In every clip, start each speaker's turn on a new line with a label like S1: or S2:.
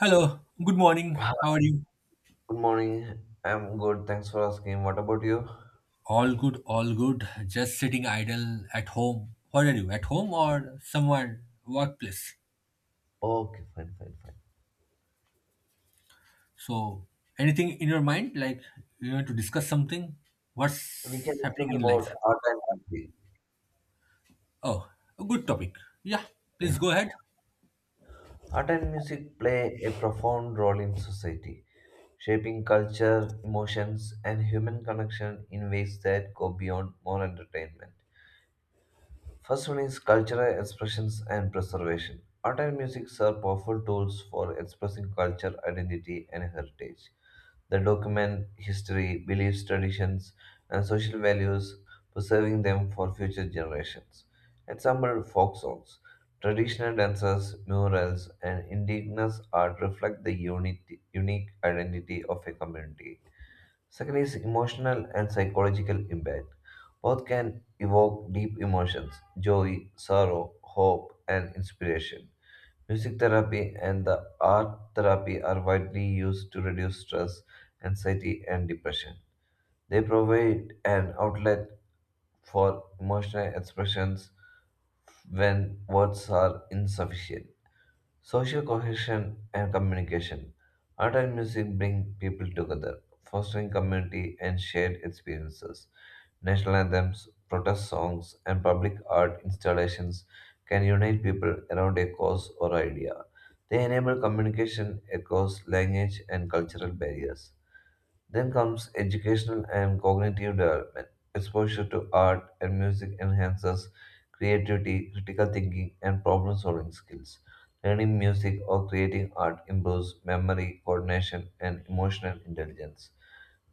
S1: Hello, good morning.
S2: Hi,
S1: How are you?
S2: good morning. I'm good. Thanks for asking. What about you?
S1: All good, all good. Just sitting idle at home. What are you, at home or somewhere, workplace?
S2: Okay, fine, fine, fine.
S1: So, anything in your mind? Like, you want to discuss something?
S2: We can
S1: What's happening
S2: discuss
S1: in life?
S2: about art and music.
S1: Oh, a good topic. Yeah,
S2: Yeah.
S1: please go ahead.
S2: Art and music play a profound role in society, shaping culture, emotions, and human connection in ways that go beyond more entertainment. First one is cultural expressions and preservation. Art and music are powerful tools for expressing culture, identity, and heritage. That document history, beliefs, traditions, and social values, preserving them for future generations. Example folk songs, traditional dances, murals, and indigenous art reflect the unity, unique identity of a community. Second is emotional and psychological impact. Both can evoke deep emotions, joy, sorrow, hope, and inspiration. Music therapy and the art therapy are widely used to reduce stress, anxiety, and depression. They provide an outlet for emotional expressions when words are insufficient. Social cohesion and communication. Art and music bring people together, fostering community and shared experiences. National anthems, protest songs, and public art installations can unite people around a cause or idea. They enable communication across language and cultural barriers. Then comes educational and cognitive development. Exposure to art and music enhances creativity, critical thinking, and problem solving skills. Learning music or creating art improves memory, coordination, and emotional intelligence.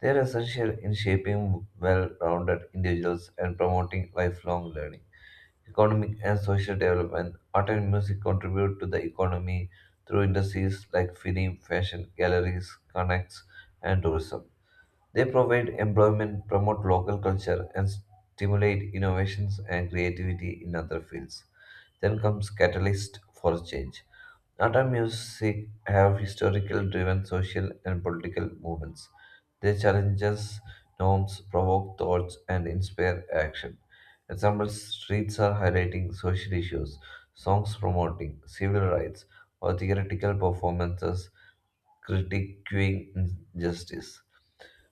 S2: They are essential in shaping well rounded individuals and promoting lifelong learning. Economic and social development. Art and music contribute to the economy through industries like film, fashion, galleries, connects, and tourism. They provide employment, promote local culture, and stimulate innovations and creativity in other fields. Then comes catalyst for change. Art and music have historical driven social and political movements. They challenges norms, provoke thoughts, and inspire action. Examples streets are highlighting social issues, songs promoting civil rights, or theoretical performances critiquing injustice.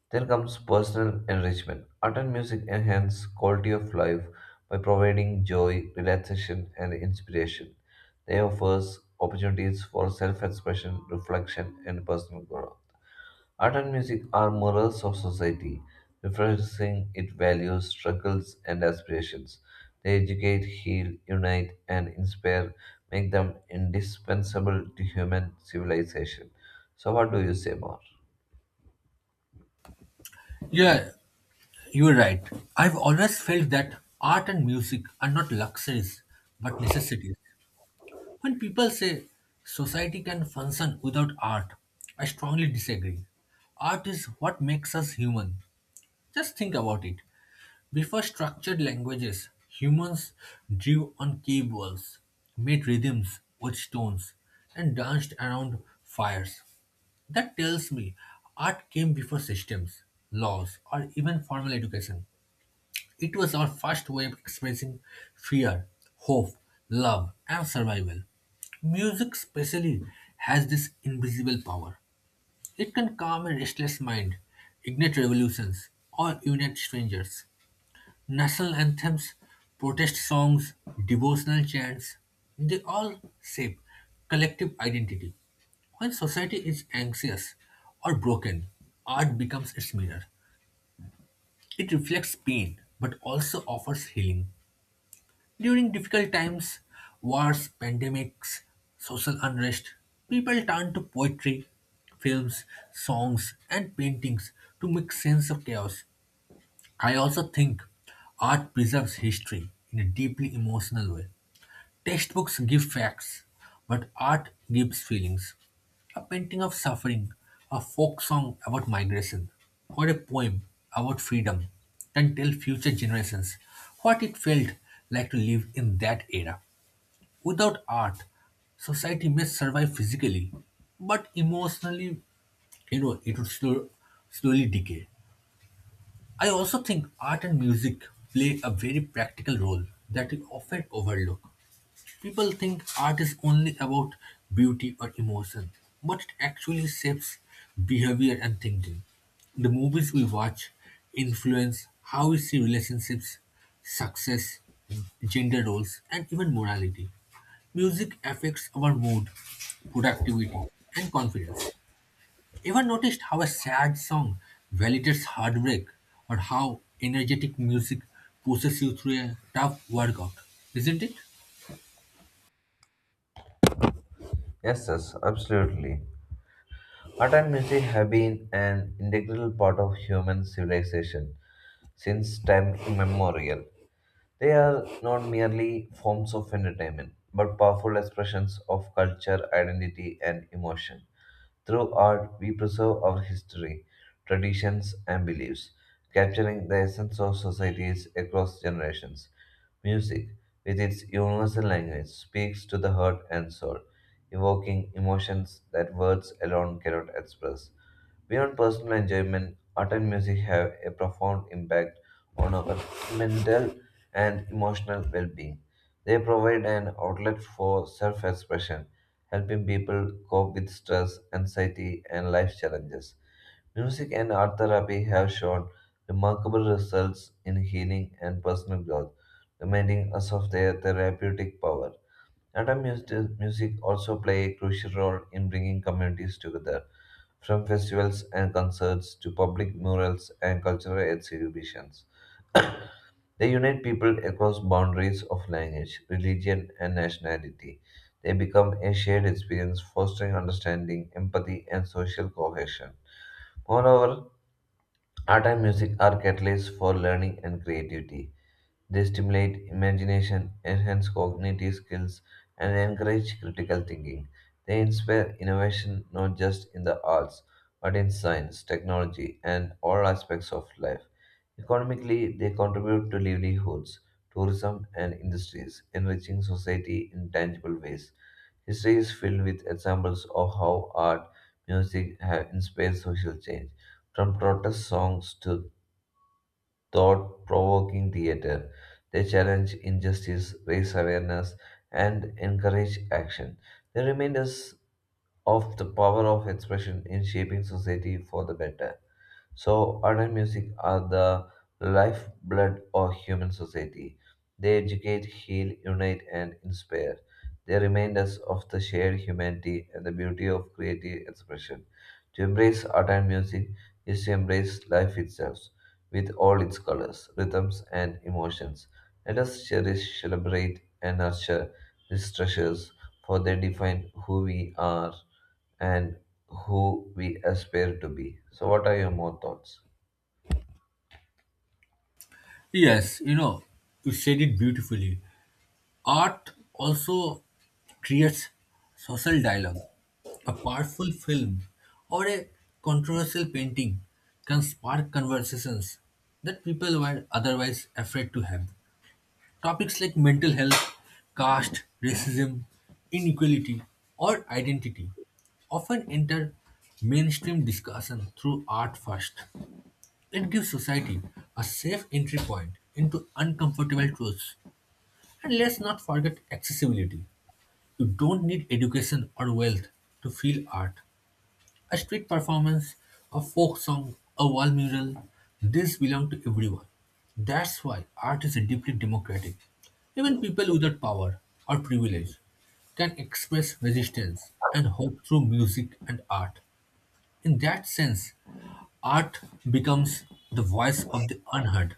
S2: Then comes personal enrichment. Art and music enhance quality of life by providing joy, relaxation, and inspiration. They offer opportunities for self-expression, reflection, and personal growth. Art and music are mirrors of society, reflecting its values, struggles, and aspirations. They educate, heal, unite, and inspire, make them indispensable to human civilization. So, what do you say more?
S1: Yeah, you're right. I've always felt that art and music are not luxuries, but necessities. When people say society can function without art, I strongly disagree. Art is what makes us human. Just think about it. Before structured languages, humans drew on cave walls, made rhythms with stones, and danced around fires. That tells me art came before systems, laws, or even formal education. It was our first way of expressing fear, hope, love, and survival. Music, especially, has this invisible power. It can calm a restless mind, ignite revolutions, or unite strangers. National anthems, protest songs, devotional chants, they all shape collective identity. When society is anxious or broken, art becomes its mirror. It reflects pain but also offers healing. During difficult times, wars, pandemics, social unrest, people turn to poetry, films, songs, and paintings to make sense of chaos. I also think art preserves history in a deeply emotional way. Textbooks give facts, but art gives feelings. A painting of suffering, a folk song about migration, or a poem about freedom can tell future generations what it felt like to live in that era. Without art, society may survive physically, but emotionally, it would slowly decay. I also think art and music play a very practical role that we often overlook. People think art is only about beauty or emotion, but it actually shapes behavior and thinking. The movies we watch influence how we see relationships, success, gender roles, and even morality. Music affects our mood, productivity, and confidence. Ever noticed how a sad song validates heartbreak or how energetic music pushes you through a tough workout? Isn't it?
S2: Yes, yes, absolutely. Art and music have been an integral part of human civilization since time immemorial. They are not merely forms of entertainment, but powerful expressions of culture, identity, and emotion. Through art, we preserve our history, traditions, and beliefs, capturing the essence of societies across generations. Music, with its universal language, speaks to the heart and soul, evoking emotions that words alone cannot express. Beyond personal enjoyment, art and music have a profound impact on our mental and emotional well being. They provide an outlet for self expression, helping people cope with stress, anxiety, and life challenges. Music and art therapy have shown remarkable results in healing and personal growth, reminding us of their therapeutic power. Modern music also play a crucial role in bringing communities together, from festivals and concerts to public murals and cultural exhibitions. They unite people across boundaries of language, religion, and nationality. They become a shared experience, fostering understanding, empathy, and social cohesion. Moreover, art and music are catalysts for learning and creativity. They stimulate imagination, enhance cognitive skills, and encourage critical thinking. They inspire innovation not just in the arts, but in science, technology, and all aspects of life. Economically, they contribute to livelihoods, tourism, and industries, enriching society in tangible ways. History is filled with examples of how art, music have inspired social change from protest songs to thought provoking theater. They challenge injustice, raise awareness, and encourage action. They remind us of the power of expression in shaping society for the better. So, art and music are the lifeblood of human society. They educate, heal, unite, and inspire. They remind us of the shared humanity and the beauty of creative expression. To embrace art and music is to embrace life itself with all its colors, rhythms, and emotions. Let us cherish, celebrate, and nurture these treasures, for they define who we are and who we aspire to be. So, what are your more thoughts?
S1: Yes, you said it beautifully. Art also creates social dialogue. A powerful film or a controversial painting can spark conversations that people were otherwise afraid to have. Topics like mental health, caste, racism, inequality, or identity often enter mainstream discussion through art first. It gives society a safe entry point into uncomfortable truths and let's not forget accessibility. You don't need education or wealth to feel art. A street performance, a folk song, a wall mural, this belong to everyone. That's why art is deeply democratic. Even people without power or privilege can express resistance and hope through music and art. In that sense, art becomes the voice of the unheard.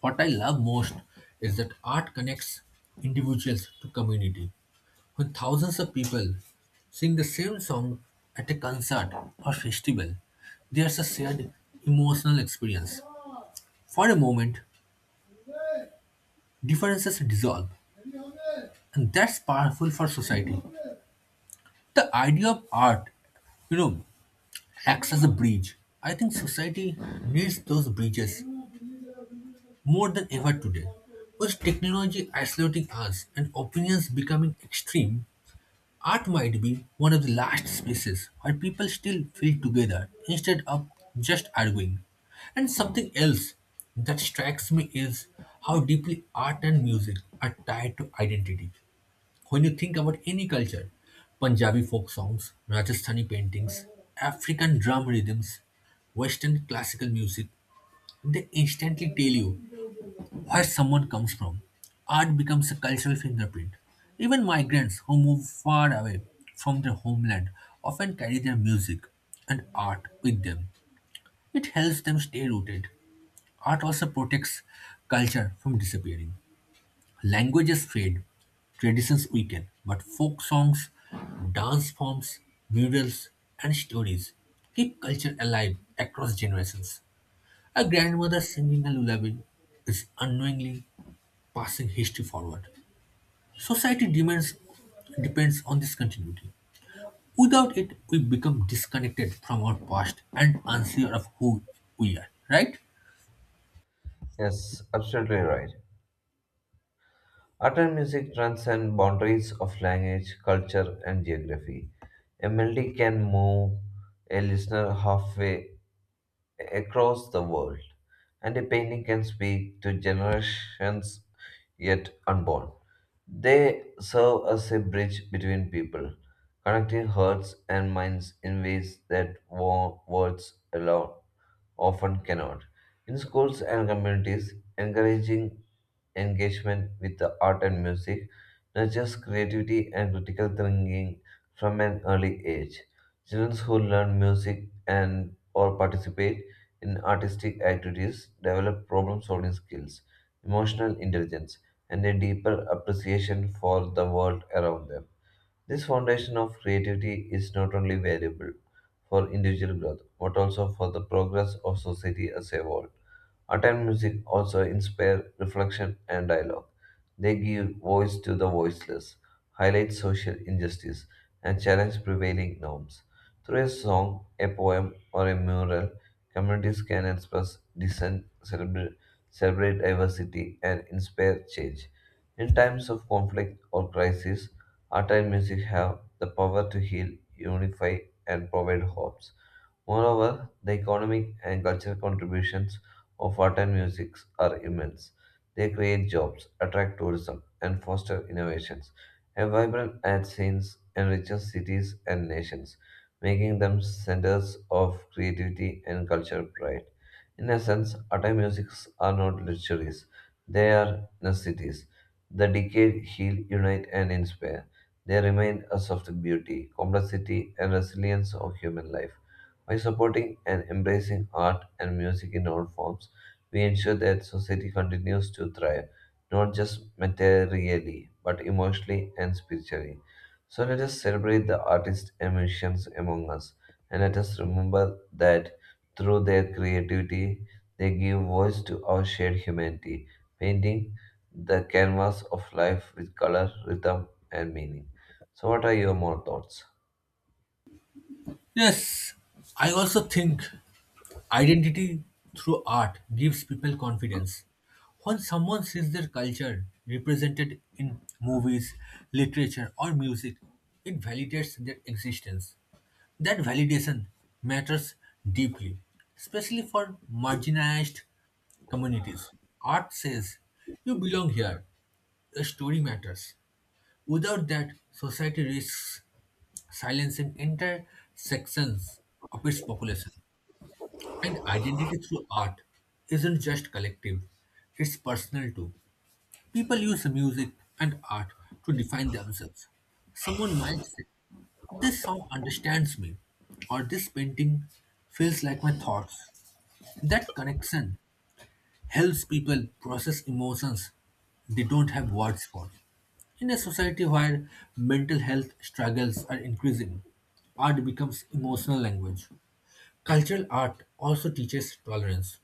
S1: What I love most is that art connects individuals to community. When thousands of people sing the same song at a concert or festival, there's a shared emotional experience. For a moment, differences dissolve, and that's powerful for society. The idea of art, you know, acts as a bridge. I think society needs those bridges more than ever today. With technology isolating us and opinions becoming extreme, art might be one of the last spaces where people still feel together instead of just arguing. And something else that strikes me is how deeply art and music are tied to identity. When you think about any culture, Punjabi folk songs, Rajasthani paintings, African drum rhythms, Western classical music, they instantly tell you where someone comes from. Art becomes a cultural fingerprint. Even migrants who move far away from their homeland often carry their music and art with them. It helps them stay rooted. Art also protects culture from disappearing. Languages fade, traditions weaken, but folk songs, dance forms, murals, and stories keep culture alive across generations. A grandmother singing a lullaby is unknowingly passing history forward. Society demands depends on this continuity. Without it, we become disconnected from our past and unsure of who we are, right?
S2: Yes, absolutely right. Art and music transcend boundaries of language, culture, and geography. A melody can move a listener halfway across the world, and a painting can speak to generations yet unborn. They serve as a bridge between people, connecting hearts and minds in ways that words alone often cannot. In schools and communities, encouraging engagement with the art and music nurtures creativity and critical thinking from an early age. Children who learn music and or participate in artistic activities develop problem-solving skills, emotional intelligence, and a deeper appreciation for the world around them. This foundation of creativity is not only valuable for individual growth, but also for the progress of society as a whole. Attend music also inspire reflection and dialogue. They give voice to the voiceless, highlight social injustice, and challenge prevailing norms. Through a song, a poem, or a mural, communities can express dissent, celebrate diversity, and inspire change. In times of conflict or crisis, art and music have the power to heal, unify, and provide hope. Moreover, the economic and cultural contributions of art and music are immense. They create jobs, attract tourism, and foster innovations. A vibrant art scene enriches cities and nations, making them centers of creativity and cultural pride. In essence, art and music are not luxuries, they are necessities. The decade heal, unite, and inspire. They remind us of the beauty, complexity, and resilience of human life. By supporting and embracing art and music in all forms, we ensure that society continues to thrive, not just materially, but emotionally and spiritually. So let us celebrate the artists and musicians among us, and let us remember that through their creativity, they give voice to our shared humanity, painting the canvas of life with color, rhythm, and meaning. So, what are your more thoughts?
S1: Yes, I also think identity through art gives people confidence. When someone sees their culture represented in movies, literature, or music, it validates their existence. That validation matters deeply, especially for marginalized communities. Art says, you belong here, your story matters. Without that, society risks silencing entire sections of its population. And identity through art isn't just collective, it's personal too. People use music and art to define themselves. Someone might say, this song understands me, or this painting feels like my thoughts. That connection helps people process emotions they don't have words for. In a society where mental health struggles are increasing, art becomes emotional language. Cultural art also teaches tolerance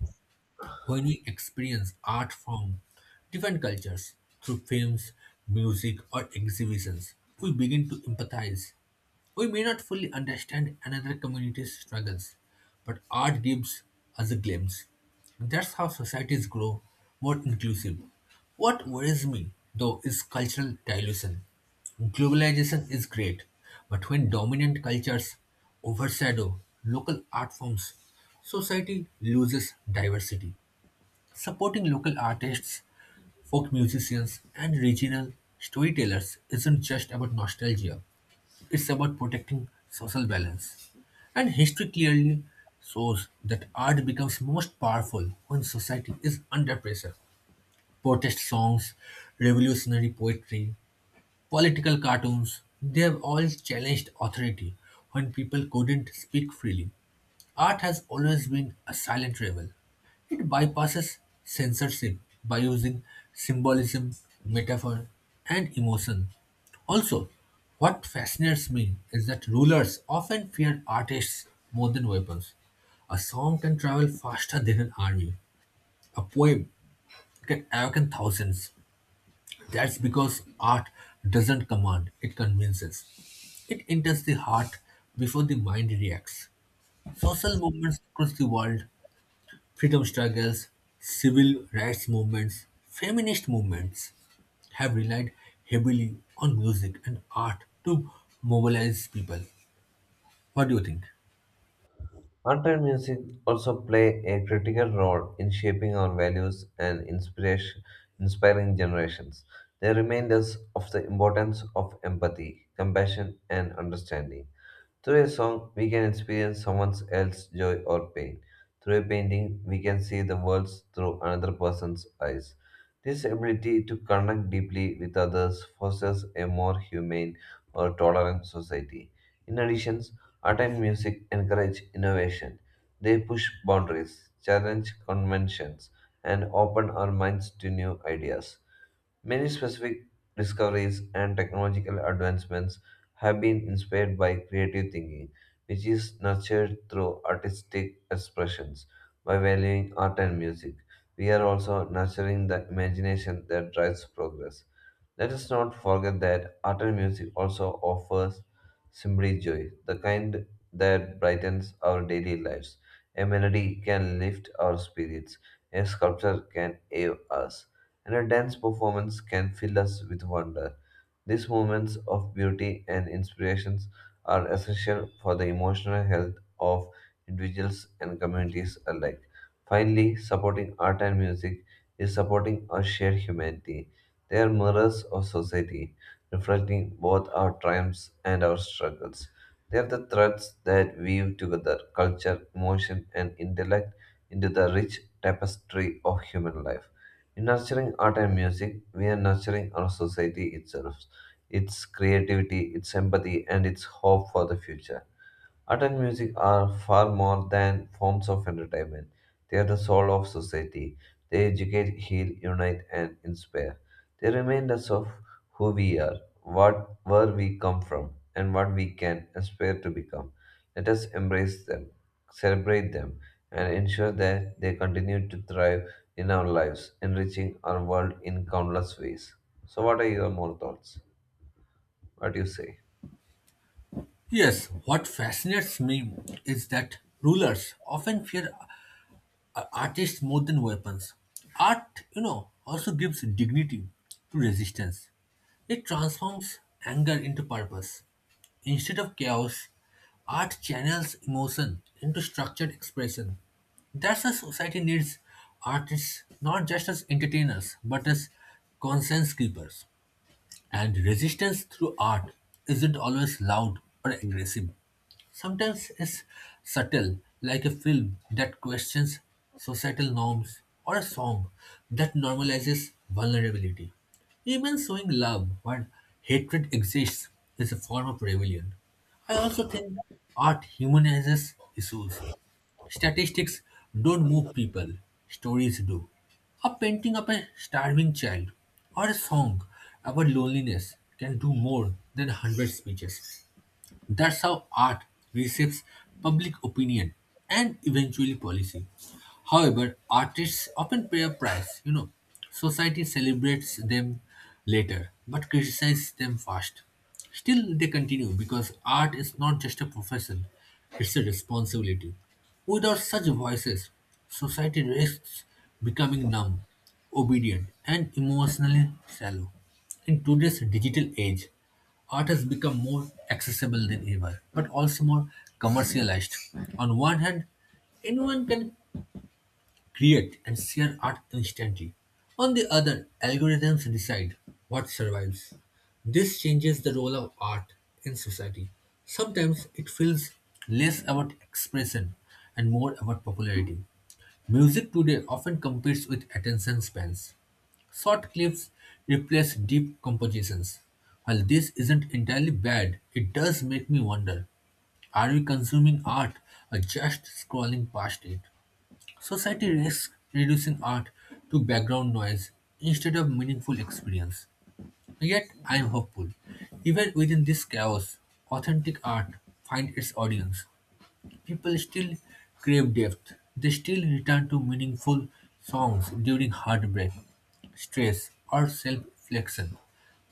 S1: when we experience art from different cultures through films, music, or exhibitions, we begin to empathize. We may not fully understand another community's struggles, but art gives us a glimpse. That's how societies grow more inclusive. What worries me, though, is cultural dilution. Globalization is great, but when dominant cultures overshadow local art forms, society loses diversity. Supporting local artists, folk musicians, and regional storytellers isn't just about nostalgia, it's about protecting social balance. And history clearly shows that art becomes most powerful when society is under pressure. Protest songs, revolutionary poetry, political cartoons, they have all challenged authority when people couldn't speak freely. Art has always been a silent rebel. It bypasses censorship by using symbolism, metaphor, and emotion. Also, what fascinates me is that rulers often fear artists more than weapons. A song can travel faster than an army. A poem can awaken thousands. That's because art doesn't command, it convinces. It enters the heart before the mind reacts. Social movements across the world, freedom struggles, civil rights movements, feminist movements have relied heavily on music and art to mobilize people. What do you think?
S2: Modern music also play a critical role in shaping our values and inspiration, inspiring generations. They remind us of the importance of empathy, compassion, and understanding. Through a song, we can experience someone else's joy or pain. Through a painting, we can see the world through another person's eyes. This ability to connect deeply with others fosters a more humane or tolerant society. In addition, art and music encourage innovation. They push boundaries, challenge conventions, and open our minds to new ideas. Many specific discoveries and technological advancements have been inspired by creative thinking, which is nurtured through artistic expressions. By valuing art and music, we are also nurturing the imagination that drives progress. Let us not forget that art and music also offers simply joy, the kind that brightens our daily lives. A melody can lift our spirits, a sculpture can awe us and a dance performance can fill us with wonder. These moments of beauty and inspirations are essential for the emotional health of individuals and communities alike. Finally, supporting art and music is supporting our shared humanity. They are mirrors of society, reflecting both our triumphs and our struggles. They are the threads that weave together culture, emotion, and intellect into the rich tapestry of human life. In nurturing art and music, we are nurturing our society itself, its creativity, its empathy, and its hope for the future. Art and music are far more than forms of entertainment. They are the soul of society. They educate, heal, unite, and inspire. They remind us of who we are, what where we come from, and what we can aspire to become. Let us embrace them, celebrate them, and ensure that they continue to thrive in our lives, enriching our world in countless ways. So, what are your more thoughts? What do you say?
S1: Yes, what fascinates me is that rulers often fear artists more than weapons. Art also gives dignity to resistance. It transforms anger into purpose. Instead of chaos, art channels emotion into structured expression. That's why society needs artists not just as entertainers but as conscience keepers. And resistance through art isn't always loud or aggressive. Sometimes it's subtle, like a film that questions societal norms or a song that normalizes vulnerability. Even showing love when hatred exists is a form of rebellion. I also think art humanizes issues. Statistics don't move people, stories do. A painting of a starving child or a song about loneliness can do more than 100 speeches. That's how art reshapes public opinion and eventually policy. However, artists often pay a price. Society celebrates them later but criticizes them first. Still, they continue because art is not just a profession, it's a responsibility. Without such voices, society risks becoming numb, obedient, and emotionally shallow. In today's digital age, art has become more accessible than ever, but also more commercialized. On one hand, anyone can create and share art instantly. On the other, algorithms decide what survives. This changes the role of art in society. Sometimes it feels less about expression and more about popularity. Music today often competes with attention spans. Short clips replace deep compositions. While this isn't entirely bad, it does make me wonder, are we consuming art or just scrolling past it? Society risks reducing art to background noise instead of meaningful experience. Yet, I am hopeful. Even within this chaos, authentic art finds its audience. People still crave depth. They still return to meaningful songs during heartbreak, stress, or self reflection.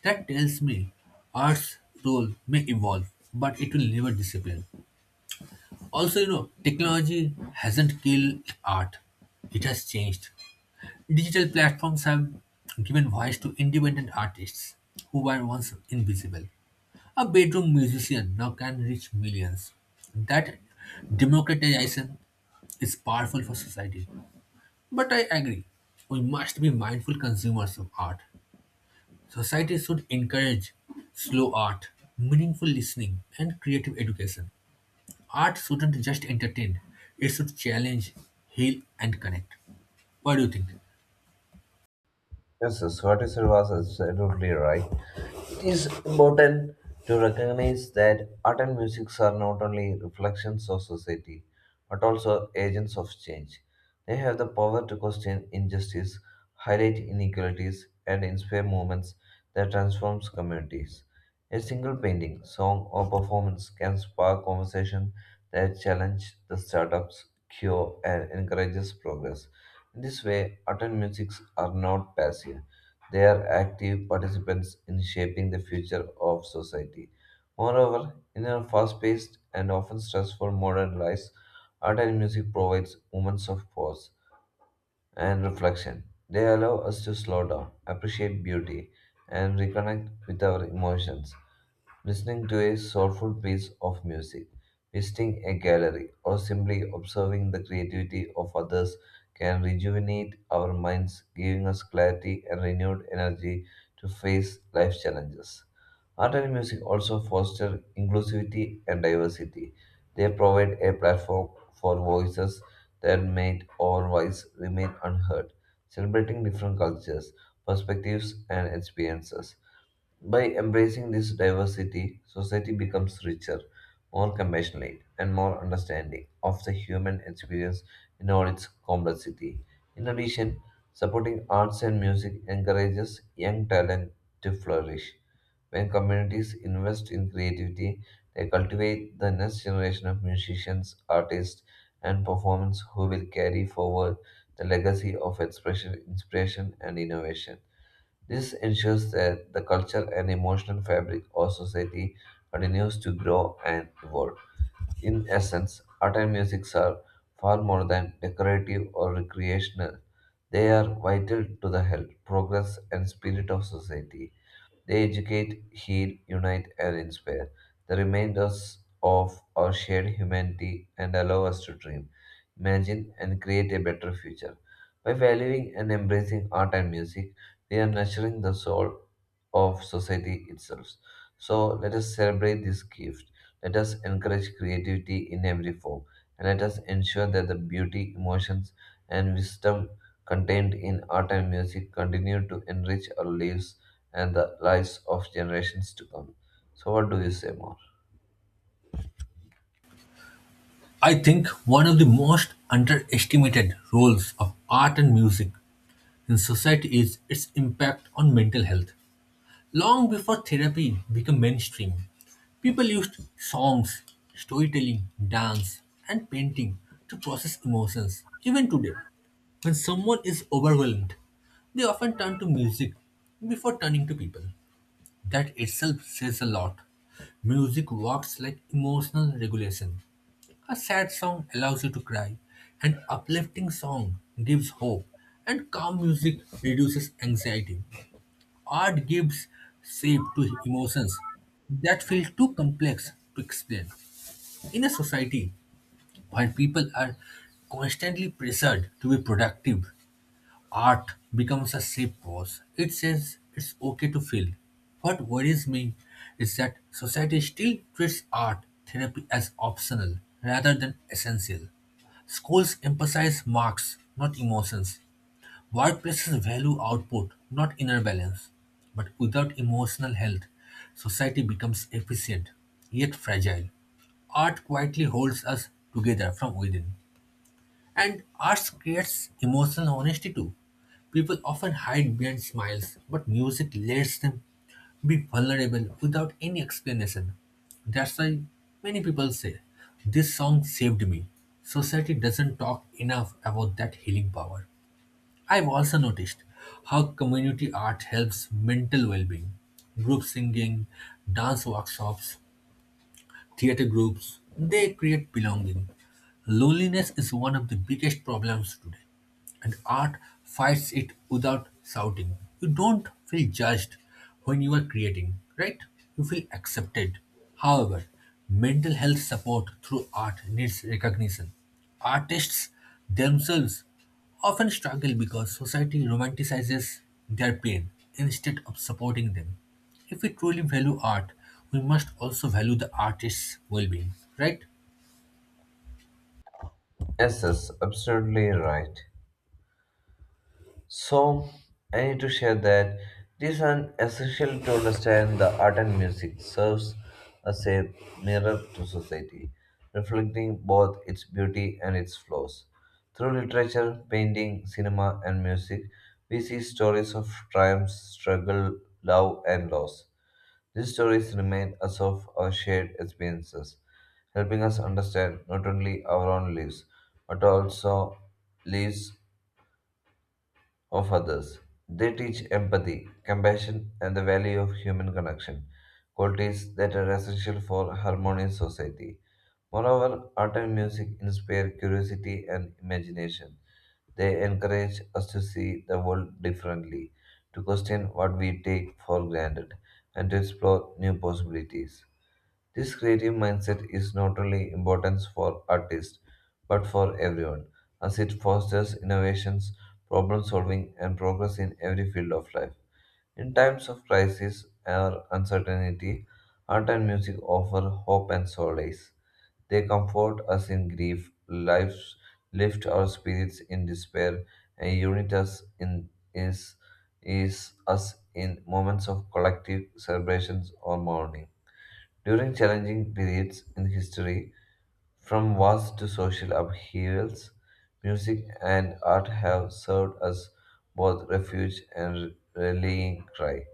S1: That tells me art's role may evolve, but it will never disappear. Also, technology hasn't killed art, it has changed. Digital platforms have given voice to independent artists who were once invisible. A bedroom musician now can reach millions. That democratization is powerful for society. But I agree, we must be mindful consumers of art. Society should encourage slow art, meaningful listening, and creative education. Art shouldn't just entertain, it should challenge, heal, and connect. What do you think?
S2: Yes, yes, what you said was absolutely right. It is important to recognize that art and music are not only reflections of society, but also agents of change. They have the power to question injustice, highlight inequalities, and inspire movements that transforms communities. A single painting, song, or performance can spark conversation that challenge the startups, cure, and encourages progress. In this way, art and music are not passive. They are active participants in shaping the future of society. Moreover, in our fast paced and often stressful modern lives, art and music provides moments of pause and reflection. They allow us to slow down, appreciate beauty, and reconnect with our emotions. Listening to a soulful piece of music, visiting a gallery, or simply observing the creativity of others can rejuvenate our minds, giving us clarity and renewed energy to face life's challenges. Art and music also foster inclusivity and diversity. They provide a platform for voices that might otherwise remain unheard, celebrating different cultures, perspectives, and experiences. By embracing this diversity, society becomes richer, more compassionate, and more understanding of the human experience in all its complexity. In addition, supporting arts and music encourages young talent to flourish. When communities invest in creativity, they cultivate the next generation of musicians, artists, and performers who will carry forward the legacy of expression, inspiration, and innovation. This ensures that the cultural and emotional fabric of society continues to grow and evolve. In essence, art and music are far more than decorative or recreational. They are vital to the health, progress, and spirit of society. They educate, heal, unite, and inspire. They remind us of our shared humanity and allow us to dream, imagine, and create a better future. By valuing and embracing art and music, we are nurturing the soul of society itself. So let us celebrate this gift. Let us encourage creativity in every form, and let us ensure that the beauty, emotions, and wisdom contained in art and music continue to enrich our lives and the lives of generations to come. So, what do you say more?
S1: I think one of the most underestimated roles of art and music in society is its impact on mental health. Long before therapy became mainstream, people used songs, storytelling, dance, and painting to process emotions. Even today, when someone is overwhelmed, they often turn to music before turning to people. That itself says a lot. Music works like emotional regulation. A sad song allows you to cry, an uplifting song gives hope, and calm music reduces anxiety. Art gives shape to emotions that feel too complex to explain. In a society where people are constantly pressured to be productive, art becomes a safe pause. It says it's okay to feel. What worries me is that society still treats art therapy as optional rather than essential. Schools emphasize marks, not emotions. Workplaces value output, not inner balance. But without emotional health, society becomes efficient, yet fragile. Art quietly holds us together from within. And arts creates emotional honesty too. People often hide behind smiles, but music lets them be vulnerable without any explanation. That's why many people say, this song saved me. Society doesn't talk enough about that healing power. I've also noticed how community art helps mental well being. Group singing, dance workshops, theater groups, they create belonging. Loneliness is one of the biggest problems today, and art fights it without shouting. You don't feel judged when you are creating, right? You feel accepted. However, mental health support through art needs recognition. Artists themselves often struggle because society romanticizes their pain instead of supporting them. If we truly value art, we must also value the artist's well being, right?
S2: Yes, yes, absolutely right. So, I need to share that it is an essential to understand the art and music serves as a mirror to society, reflecting both its beauty and its flaws. Through literature, painting, cinema, and music, we see stories of triumph, struggle, love, and loss. These stories remind us of our shared experiences, helping us understand not only our own lives, but also lives of others. They teach empathy, compassion, and the value of human connection, qualities that are essential for harmonious society. Moreover, art and music inspire curiosity and imagination. They encourage us to see the world differently, to question what we take for granted, and to explore new possibilities. This creative mindset is not only important for artists but for everyone, as it fosters innovations, problem solving, and progress in every field of life. In times of crisis or uncertainty, art and music offer hope and solace. They comfort us in grief, lives lift our spirits in despair, and unite us in is us in moments of collective celebrations or mourning. During challenging periods in history, from wars to social upheavals, music and art have served as both refuge and rallying cry,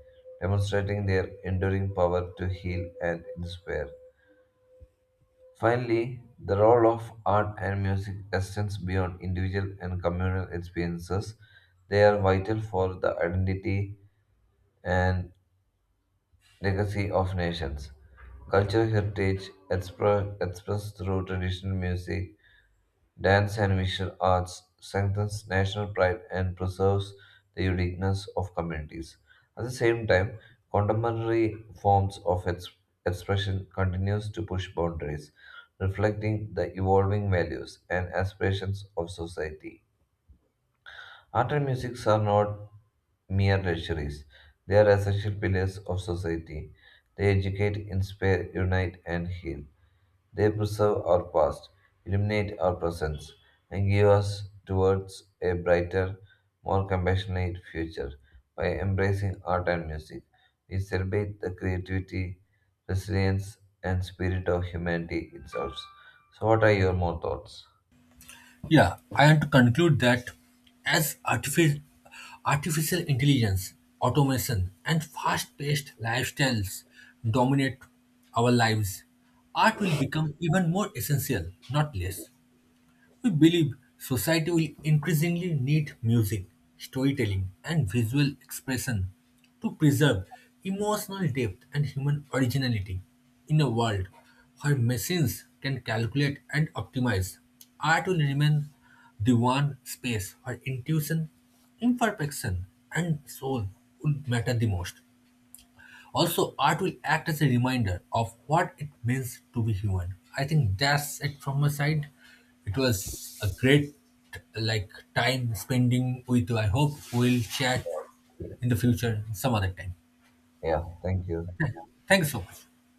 S2: demonstrating their enduring power to heal and inspire. Finally, the role of art and music extends beyond individual and communal experiences. They are vital for the identity and legacy of nations. Cultural heritage expressed through traditional music, dance, and visual arts strengthens national pride and preserves the uniqueness of communities. At the same time, contemporary forms of expression continues to push boundaries, reflecting the evolving values and aspirations of society. Art and music are not mere luxuries, they are essential pillars of society. They educate, inspire, unite, and heal. They preserve our past, illuminate our present, and give us towards a brighter, more compassionate future. By embracing art and music, we celebrate the creativity, resilience, and spirit of humanity itself. So, what are your more thoughts?
S1: Yeah, I want to conclude that as artificial intelligence, automation, and fast paced lifestyles dominate our lives, art will become even more essential, not less. We believe society will increasingly need music, storytelling, and visual expression to preserve emotional depth and human originality. In a world where machines can calculate and optimize, art will remain the one space where intuition, imperfection, and soul would matter the most. Also, art will act as a reminder of what it means to be human. I think that's it from my side. It was a great like time spending with you. I hope we'll chat in the future some other time.
S2: Yeah, thank you.
S1: Thank you so much.